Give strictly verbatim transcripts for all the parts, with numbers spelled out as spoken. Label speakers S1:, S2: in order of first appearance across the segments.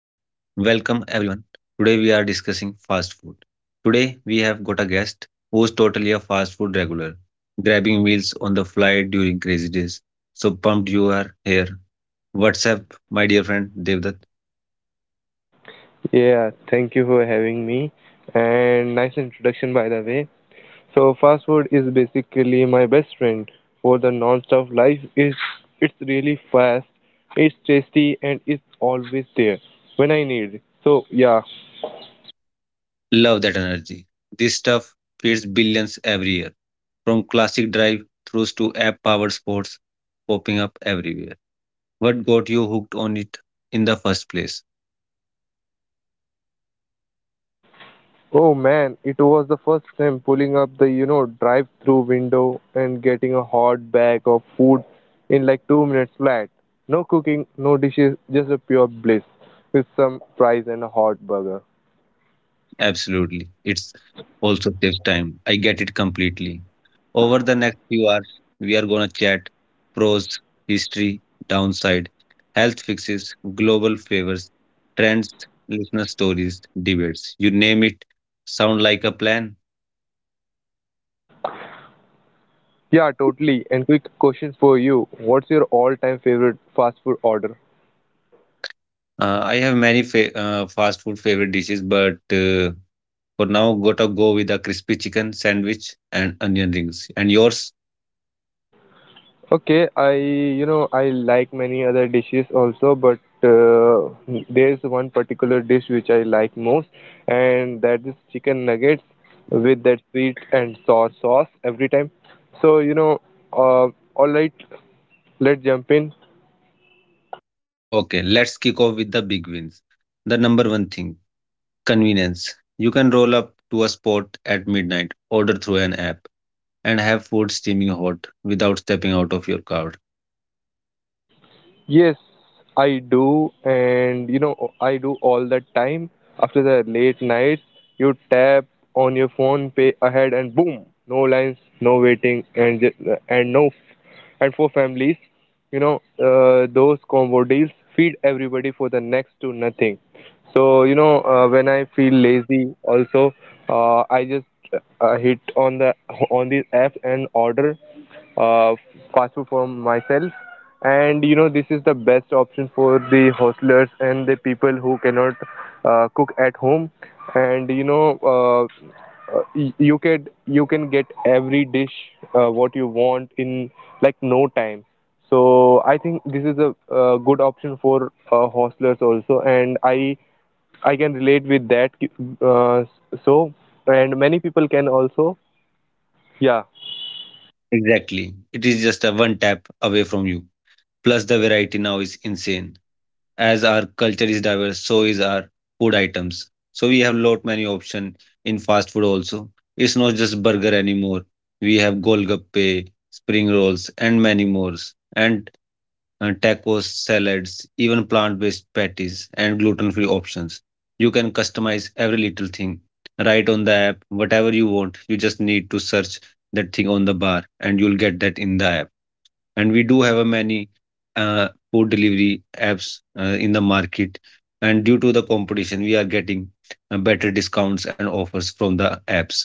S1: Welcome everyone. Today we are discussing fast food. Today we have got a guest who's totally a fast food regular, grabbing meals on the fly during crazy days. So pumped you are here. What's up, my dear friend Devdutt?
S2: Yeah, thank you for having me. And nice introduction, by the way. So, fast food is basically my best friend for the non-stop life. Is it's really fast, it's tasty, and it's always there when I need it. So, yeah.
S1: Love that energy. This stuff feeds billions every year, from classic drive throughs to app-powered sports popping up everywhere. What got you hooked on it in the first place?
S2: Oh man, it was the first time pulling up the you know drive-through window and getting a hot bag of food in like two minutes flat. No cooking, no dishes, just a pure bliss with some fries and a hot burger.
S1: Absolutely. It's also saves time. I get it completely. Over the next few hours, we are going to chat pros, history, downside, health fixes, global flavors, trends, listener stories, debates. You name it. Sound like a plan?
S2: Yeah, totally. And quick question for you. What's your all-time favorite fast food order?
S1: Uh, I have many fa- uh, fast food favorite dishes, but uh, for now, gotta go with a crispy chicken sandwich and onion rings. And yours?
S2: Okay, I you know I like many other dishes also, but uh, there's one particular dish which I like most, and that is chicken nuggets with that sweet and sour sauce every time. So you know, uh, all right, let's jump in.
S1: Okay, let's kick off with the big wins. The number one thing. Convenience. You can roll up to a spot at midnight, order through an app, and have food steaming hot without stepping out of your car.
S2: Yes, I do, and you know, I do all the time. After the late nights, you tap on your phone, pay ahead, and boom, no lines, no waiting, and ju- and no, and for families, you know, uh, those combo deals feed everybody for the next to nothing. So you know, uh, when I feel lazy, also uh, I just uh, hit on the on the app and order uh, fast food for myself. And you know, this is the best option for the hostlers and the people who cannot uh, cook at home. And you know, uh, uh, y- you can you can get every dish uh, what you want in like no time. So I think this is a, uh, good option for uh, hostlers also, and I I can relate with that. Uh, so, and many people can also, yeah,
S1: Exactly. It is just a one tap away from you. Plus, the variety now is insane. As our culture is diverse, so is our food items. So we have lot many option in fast food also. It's not just burger anymore. We have golgappe, spring rolls, and many more. And uh, Tacos, salads, even plant based patties, and gluten free options. You can customize every little thing right on the app, whatever you want. You just need to search that thing on the bar, and you'll get that in the app. And we do have a many uh, food delivery apps uh, in the market. And due to the competition, we are getting uh, better discounts and offers from the apps.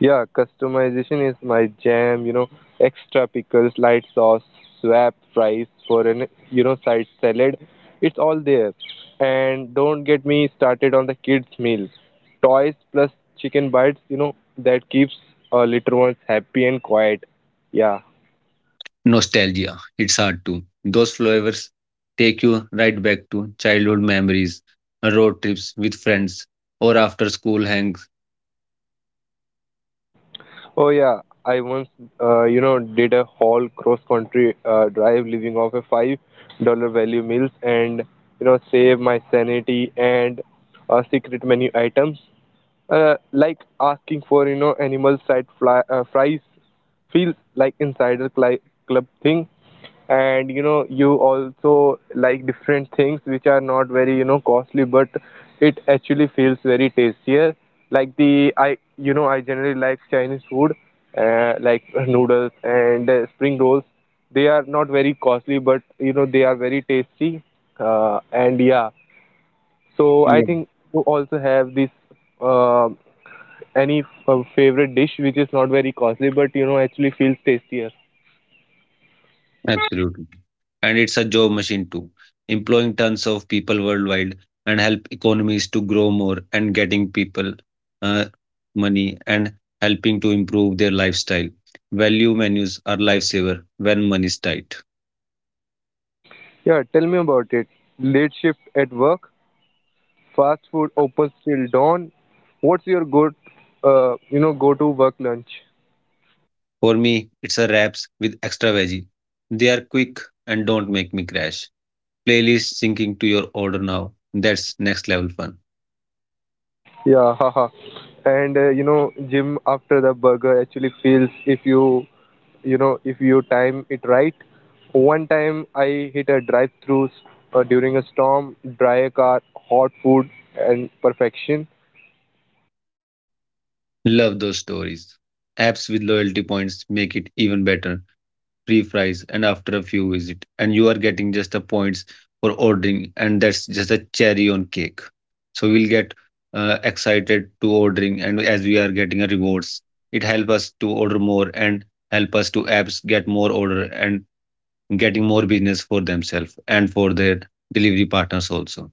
S2: yeah, customization is my jam, you know, extra pickles, light sauce, swap fries for an, you know, side salad. It's all there. And don't get me started on the kids' meal. Toys plus chicken bites, you know, that keeps uh, little ones happy and quiet. Yeah.
S1: Nostalgia, it's hard to. Those flavors take you right back to childhood memories, road trips with friends, or after school hangs.
S2: Oh yeah, I once uh, you know did a whole cross country uh, drive living off a five dollar value meals and you know save my sanity and uh, secret menu items. Uh, like asking for you know animal side fly, uh, fries feels like insider cli- club thing, and you know you also like different things which are not very you know costly but it actually feels very tastier like the I you know I generally like Chinese food, uh, like noodles and uh, spring rolls. They are not very costly but you know they are very tasty. Uh, and yeah so I
S1: Yeah.
S2: think you also have this. uh, any f- favorite dish which is not very costly but you know actually feels tastier?
S1: Absolutely. And it's a job machine too, employing tons of people worldwide and help economies to grow more and getting people uh, money and helping to improve their lifestyle. Value menus are lifesaver when money is tight.
S2: Yeah, tell me about it. Late shift at work, fast food opens till dawn. What's your go, uh, you know, go-to work lunch?
S1: For me, it's a wraps with extra veggie. They are quick and don't make me crash. Playlist syncing to your order now. That's next level fun.
S2: Yeah, haha. And uh, you know, gym after the burger actually feels if you, you know, if you time it right. One time I hit a drive-through uh, during a storm, dry car, hot food, and perfection.
S1: Love those stories. Apps with loyalty points make it even better. Free fries and after a few visit, and you are getting just the points for ordering, and that's just a cherry on cake. So we'll get uh, excited to ordering, and as we are getting a rewards, it help us to order more and help us to apps get more order and getting more business for themselves and for their delivery partners also.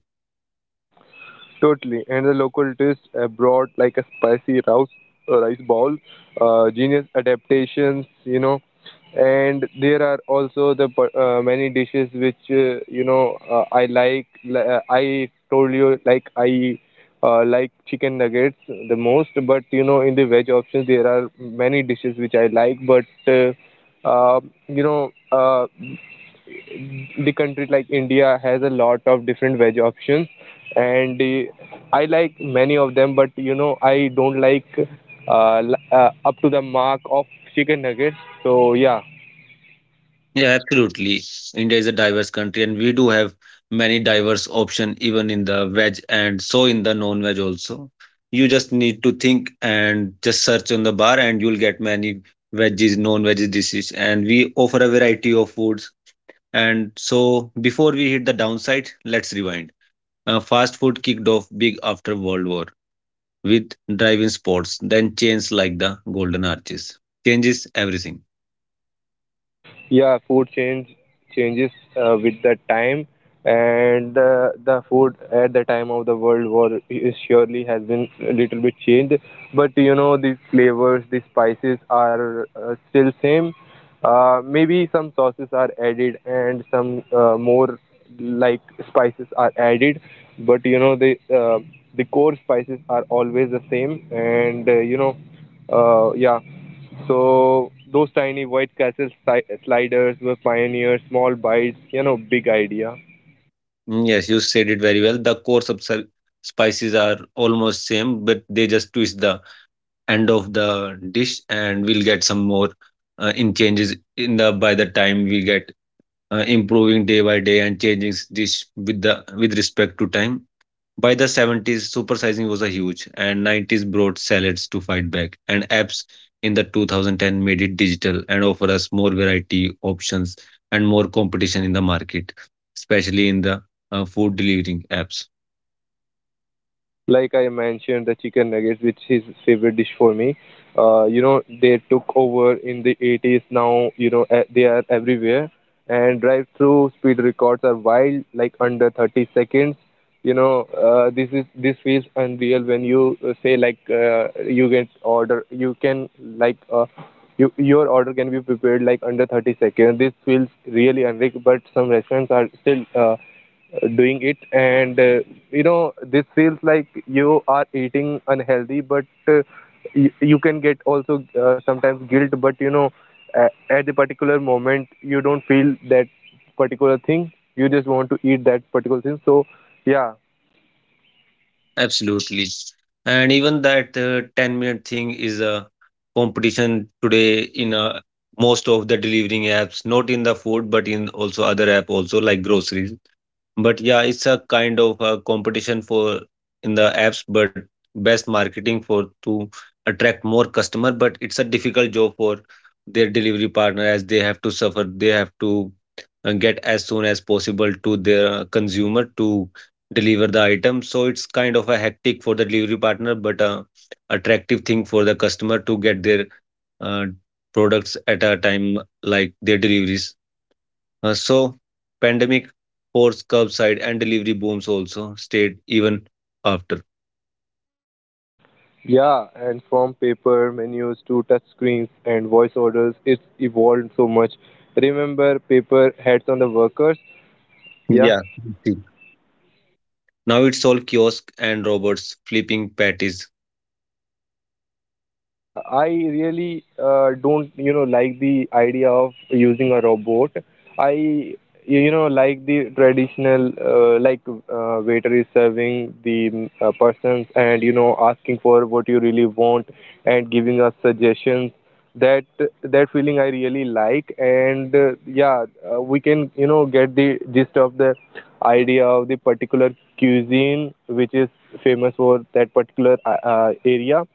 S2: Totally, and the local dish abroad like a spicy rice uh, rice ball, uh, genius adaptations, you know, and there are also the per- uh, many dishes which uh, you know uh, I like. li- Uh, I told you like I uh, like chicken nuggets the most, but you know in the veg options there are many dishes which I like, but uh, uh, you know uh, the country like India has a lot of different veg options, and uh, I like many of them. But you know, I don't like uh, l- uh, up to the mark of chicken nuggets. So yeah,
S1: Yeah, absolutely. India is a diverse country, and we do have many diverse option even in the veg and so in the non-veg also. You just need to think and just search on the bar, and you'll get many veggies, non-veg dishes, and we offer a variety of foods. And so, before we hit the downside, let's rewind. Uh, fast food kicked off big after World War with driving in spots, then chains like the Golden Arches. Changes everything.
S2: yeah, food change changes uh, with the time, and the, the food at the time of the world war is surely has been a little bit changed, but you know the flavors, the spices are uh, still same. Uh, maybe some sauces are added and some uh, more like spices are added, but you know the uh, the core spices are always the same. And uh, you know uh, yeah, so those tiny white castle si- sliders were pioneers, small bites you know big idea.
S1: Mm, yes, you said it very well. The core subs- spices are almost same, but they just twist the end of the dish, and we'll get some more uh, in changes in the by the time we get uh, improving day by day and changing s- dish with the with respect to time. By the seventies, supersizing was a huge, and nineties brought salads to fight back, and apps in the two thousand ten made it digital and offer us more variety options and more competition in the market, especially in the uh, food delivering apps.
S2: Like I mentioned, the chicken nuggets, which is favorite dish for me. Uh, you know, they took over in the eighties. Now, you know, eh, they are everywhere. And drive-through speed records are wild, like under thirty seconds. You know, uh, this is this feels unreal when you uh, say like uh, you get order, you can like uh, you, your order can be prepared like under thirty seconds. This feels really unreal, but some restaurants are still uh, doing it. And uh, you know this feels like you are eating unhealthy, but uh, you, you can get also uh, sometimes guilt, but you know a at the particular moment you don't feel that particular thing, you just want to eat that particular thing. So yeah,
S1: Absolutely, and even that uh, ten minute thing is a competition today in uh, most of the delivering apps, not in the food, but in also other app also like groceries. But yeah, it's a kind of a competition for in the apps, but best marketing for to attract more customer. But it's a difficult job for their delivery partner as they have to suffer. They have to uh, get as soon as possible to their consumer to deliver the item. So it's kind of a hectic for the delivery partner, but a attractive thing for the customer to get their uh, products at a time like their deliveries. Uh, so pandemic forced curbside and delivery booms also stayed even after.
S2: yeah, and from paper menus to touch screens and voice orders, it's evolved so much. Remember paper hats on the workers? Yeah.
S1: Yeah. See, now it's all kiosk and robots flipping patties.
S2: Yeah, I really uh, don't, you know, like the idea of using a robot. I, you know, like the traditional, uh, like uh, waiter is serving the uh, persons and, you know, asking for what you really want and giving us suggestions. That that feeling I really like, and uh, yeah, uh, we can, you know, get the gist of the idea of the particular cuisine which is famous for that particular uh, uh, area.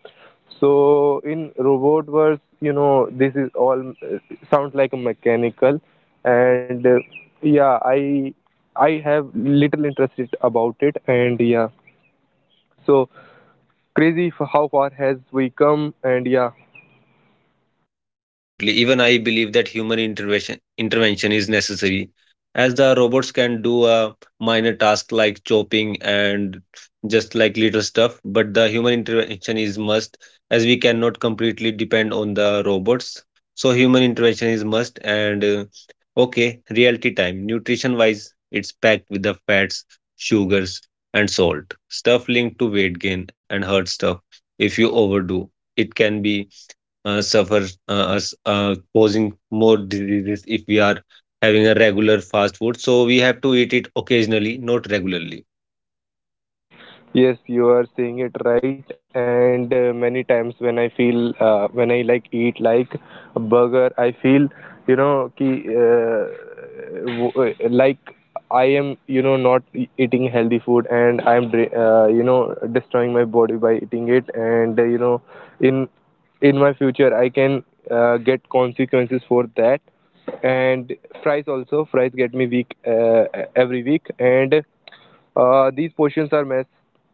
S2: So in robot wars, you know, this is all uh, sounds like a mechanical, and uh, yeah, I I have little interest it- about it, and yeah, so crazy for how far has we come, and yeah,
S1: Absolutely. Even I believe that human intervention intervention is necessary, as the robots can do a minor task like chopping and just like little stuff, but the human intervention is must, as we cannot completely depend on the robots. So human intervention is must. And uh, Okay, reality time. Nutrition wise, it's packed with the fats, sugars, and salt. Stuff linked to weight gain and hurt stuff. If you overdo, it can be uh, suffer uh, us uh, causing more diseases if we are having a regular fast food. So we have to eat it occasionally, not regularly.
S2: yes, you are saying it right. And uh, many times when I feel uh, when I like eat like a burger, I feel you know ki, uh, w- uh, like I am you know not e- eating healthy food, and I am dri- uh, you know destroying my body by eating it. And uh, you know in in my future I can uh, get consequences for that. And fries also fries get me weak uh, every week, and uh, these portions are mass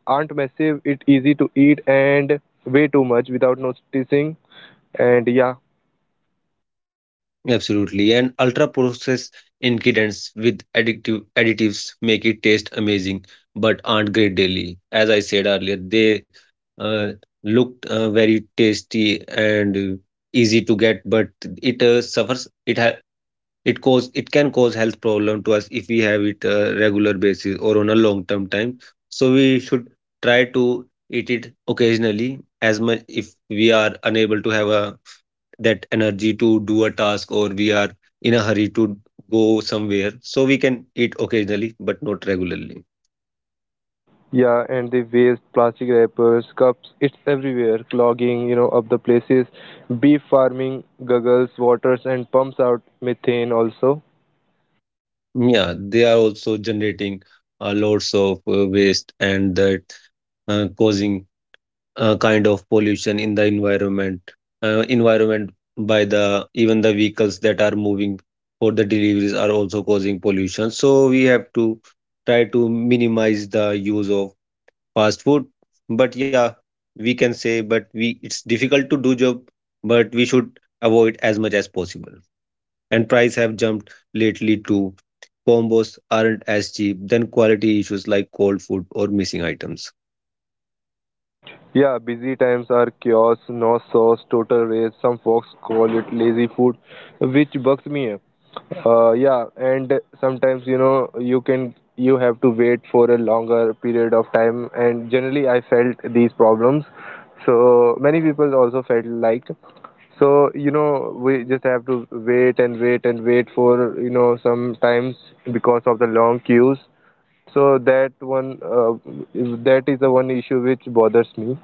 S2: aren't massive. It easy to eat and way too much without noticing. And yeah,
S1: Absolutely. And ultra processed ingredients with addictive additives make it taste amazing, but aren't great daily. As I said earlier, they uh, looked uh, very tasty and uh, easy to get, but it uh, suffers. It ha it cause it can cause health problem to us if we have it uh, regular basis or on a long term time, so we should try to eat it occasionally as much if we are unable to have a that energy to do a task or we are in a hurry to go somewhere, so we can eat occasionally but not regularly.
S2: yeah, and the waste, plastic wrappers, cups, it's everywhere, clogging you know up the places. Beef farming guggles waters and pumps out methane also.
S1: Yeah, they are also generating uh, lots of uh, waste and that uh, causing uh, kind of pollution in the environment uh, environment by the even the vehicles that are moving for the deliveries are also causing pollution, so we have to try to minimize the use of fast food. But yeah, we can say but we it's difficult to do job, but we should avoid as much as possible. And price have jumped lately too, combos aren't as cheap, then quality issues like cold food or missing items.
S2: Yeah, busy times are chaos, no sauce, total waste. Some folks call it lazy food, which bugs me. Uh, yeah, and sometimes you know you can you have to wait for a longer period of time, and generally I felt these problems. So many people also felt like so you know we just have to wait and wait and wait for you know sometimes because of the long queues. So that one uh, that is the one issue which bothers me.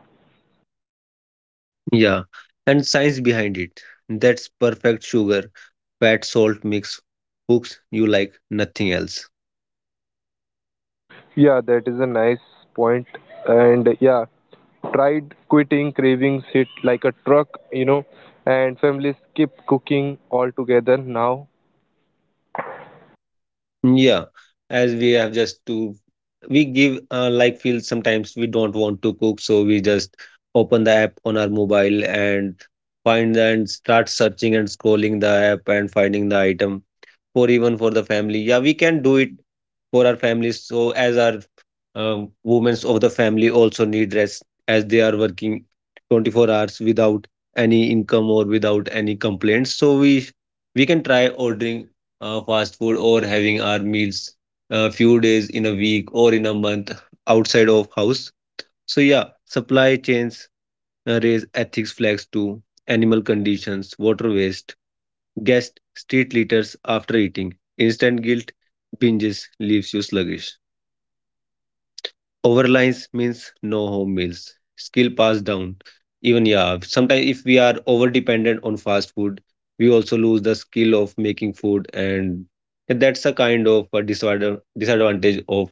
S1: Yeah, and science behind it. That's perfect sugar, fat, salt mix, hooks you like nothing else.
S2: Yeah, that is a nice point, and yeah, tried quitting, cravings hit like a truck, you know, and families skip cooking altogether now.
S1: Yeah, as we have just to, we give uh, like feel sometimes we don't want to cook, so we just open the app on our mobile and find and start searching and scrolling the app and finding the item for even for the family. Yeah, we can do it for our families. So as our um, women of the family also need rest as they are working twenty-four hours without any income or without any complaints. So we we can try ordering uh, fast food or having our meals a few days in a week or in a month outside of house. So yeah, supply chains uh, raise ethics flags to animal conditions, water waste, guest street litters after eating. Instant guilt binges leaves you sluggish. Overlines means no home meals. Skill passed down. Even yeah, sometimes if we are over dependent on fast food, we also lose the skill of making food, and that's a kind of a disorder disadvantage of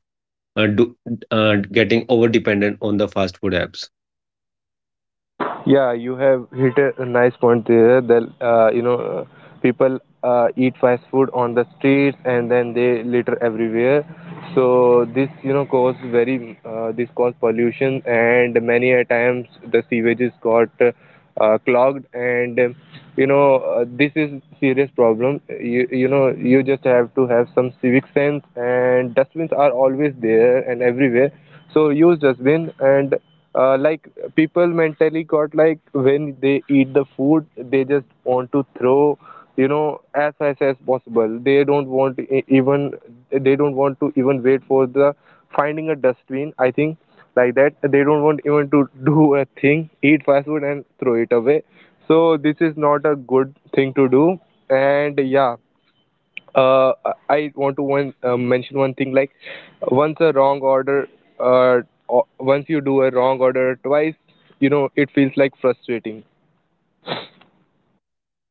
S1: uh, do, uh, getting over dependent on the fast food apps.
S2: Yeah, you have hit a nice point there that, uh, you know, uh, people uh, eat fast food on the streets and then they litter everywhere. So this you know cause very uh, this cause pollution, and many a times the sewages got uh, clogged, and um, you know uh, this is serious problem. You you know you just have to have some civic sense, and dustbins are always there and everywhere. So use dustbin and uh, like people mentally got like when they eat the food they just want to throw you know as fast as possible. They don't want e- even they don't want to even wait for the finding a dustbin, I think, like that they don't want even to do a thing, eat fast food and throw it away. So this is not a good thing to do. And yeah, uh, I want to one, uh, mention one thing like once a wrong order uh, o- once you do a wrong order twice, you know it feels like frustrating.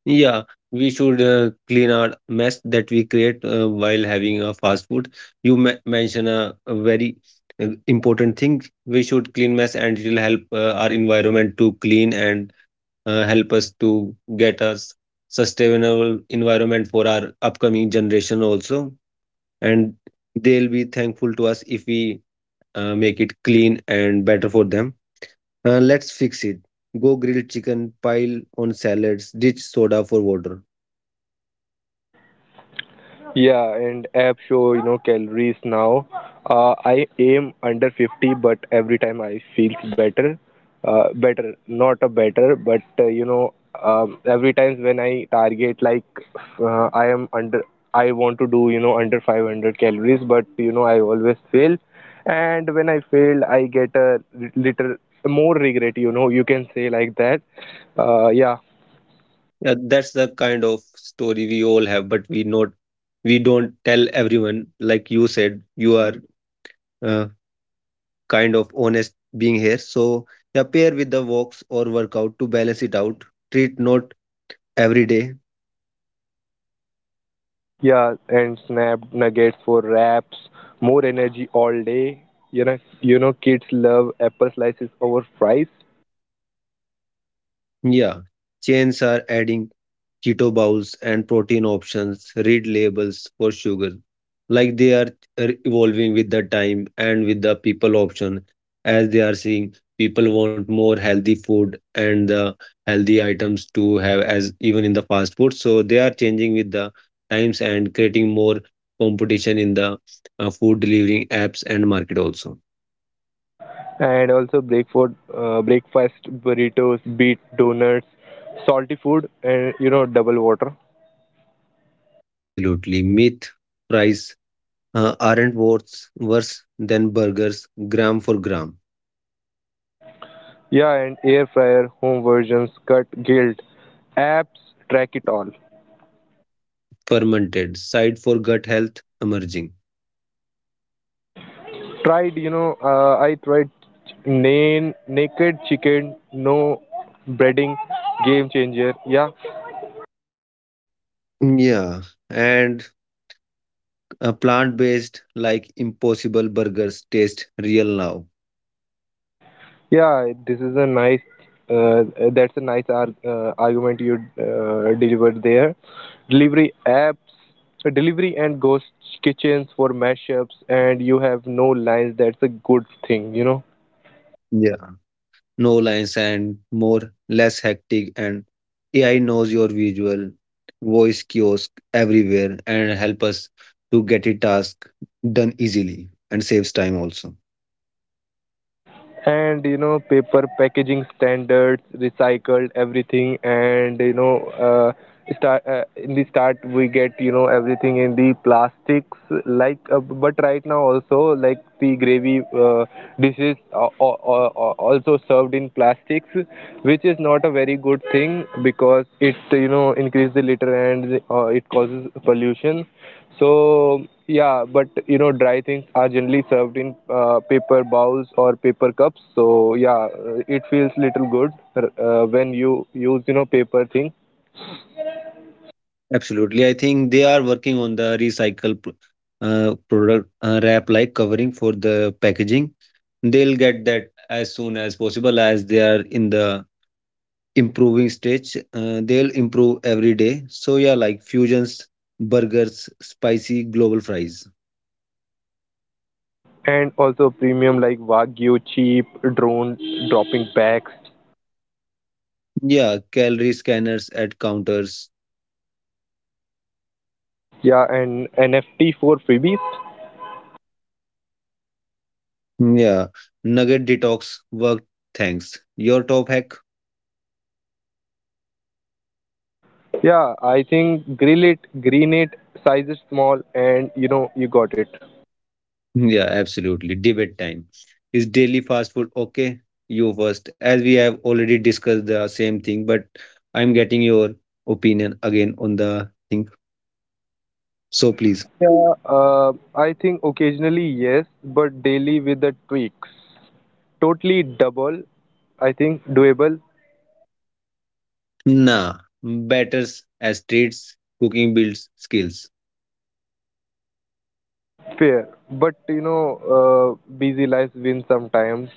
S1: Yeah, we should uh, clean our mess that we create uh, while having a fast food. You me mention a, a very uh, important thing. We should clean mess and it will help uh, our environment to clean and uh, help us to get a s- sustainable environment for our upcoming generation also. And they'll be thankful to us if we uh, make it clean and better for them. Uh, let's fix it. Go grilled chicken, pile on salads, ditch soda for water.
S2: Yeah, and app show, you know, calories now. Uh, I aim under fifty, but every time I feels better. Uh, better, not a better, but uh, you know, um, every time when I target like uh, I am under, I want to do you know under five hundred calories, but you know I always fail, and when I fail, I get a little more regret. You know, you can say like that. Uh, yeah,
S1: Yeah, that's the kind of story we all have, but we not we don't tell everyone. Like you said, you are uh, kind of honest being here. So yeah, pair with the walks or workout to balance it out. Treat not every day.
S2: yeah, and snapped nuggets for wraps, more energy all day. You know, you know, kids love apple slices over fries,
S1: Yeah, chains are adding keto bowls, and protein options read labels for sugar. Like they are uh, evolving with the time and with the people option, as they are seeing people want more healthy food and the healthy items to have as even in the fast food. So they are changing with the times and creating more competition in the uh, food delivering apps and market also.
S2: and also breakfast, uh, breakfast burritos, beet donuts, salty food, and you know, double water.
S1: Absolutely. Meat price uh, aren't worth worse than burgers gram for gram.
S2: Yeah, and air fryer, home versions, cut, guilt, apps, track it all.
S1: Fermented, side for gut health emerging.
S2: Tried, you know, uh, I tried nan- naked chicken, no breading, game changer. Yeah,
S1: Yeah, and uh, Plant-based like Impossible Burgers taste real now.
S2: yeah, this is a nice. Uh, that's a nice ar- uh, argument you uh, delivered there. Delivery apps, delivery and ghost kitchens for mashups, and you have no lines. That's a good thing, you know.
S1: Yeah. No lines and more less hectic, and A I knows your visual voice kiosk everywhere and help us to get a task done easily and saves time also.
S2: And you know, paper packaging standards, recycled everything, and you know, uh, start uh, in the start we get you know everything in the plastics like uh, but right now also like the gravy uh, dishes are, are, are are also served in plastics which is not a very good thing because it you know increase the litter, and uh, it causes pollution. So yeah, but you know dry things are generally served in uh, paper bowls or paper cups. So yeah, uh, it feels little good uh, when you use you know paper things.
S1: Absolutely. I think they are working on the recycle p- uh, product uh, wrap like covering for the packaging. They'll get that as soon as possible as they are in the improving stage. Uh, they'll improve every day. So yeah, like fusions burgers, spicy global fries.
S2: And also premium like Wagyu, cheap drone dropping packs.
S1: Yeah, calorie scanners at counters.
S2: Yeah, and N F T for freebies.
S1: Yeah, nugget detox work thanks your top hack.
S2: Yeah, I think grill it, green it, size is small, and you know you got it.
S1: Yeah, absolutely. Debate time. Is daily fast food okay? You first, as we have already discussed the same thing, but I'm getting your opinion again on the thing, so please.
S2: Yeah, uh, I think occasionally yes, but daily with the tweaks. Totally double, I think doable,
S1: Nah, batters as treats, cooking builds skills.
S2: fair. But you know, uh, busy lives win sometimes.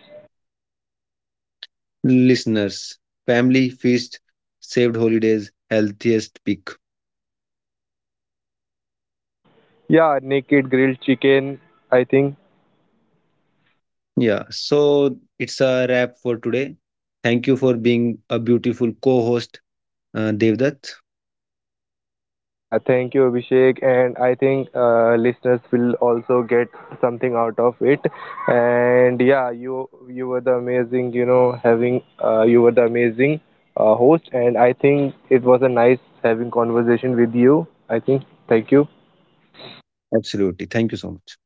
S1: Listeners, family feast, saved holidays, healthiest peak.
S2: Yeah, naked grilled chicken, I think
S1: Yeah, so it's a wrap for today. Thank you for being a beautiful co host, uh, Devdat.
S2: yeah, thank you, Abhishek. And I think uh, listeners will also get something out of it. And yeah, you you were the amazing, you know, having uh, you were the amazing uh, host. And I think it was a nice having conversation with you. I think thank you.
S1: Absolutely. Thank you so much.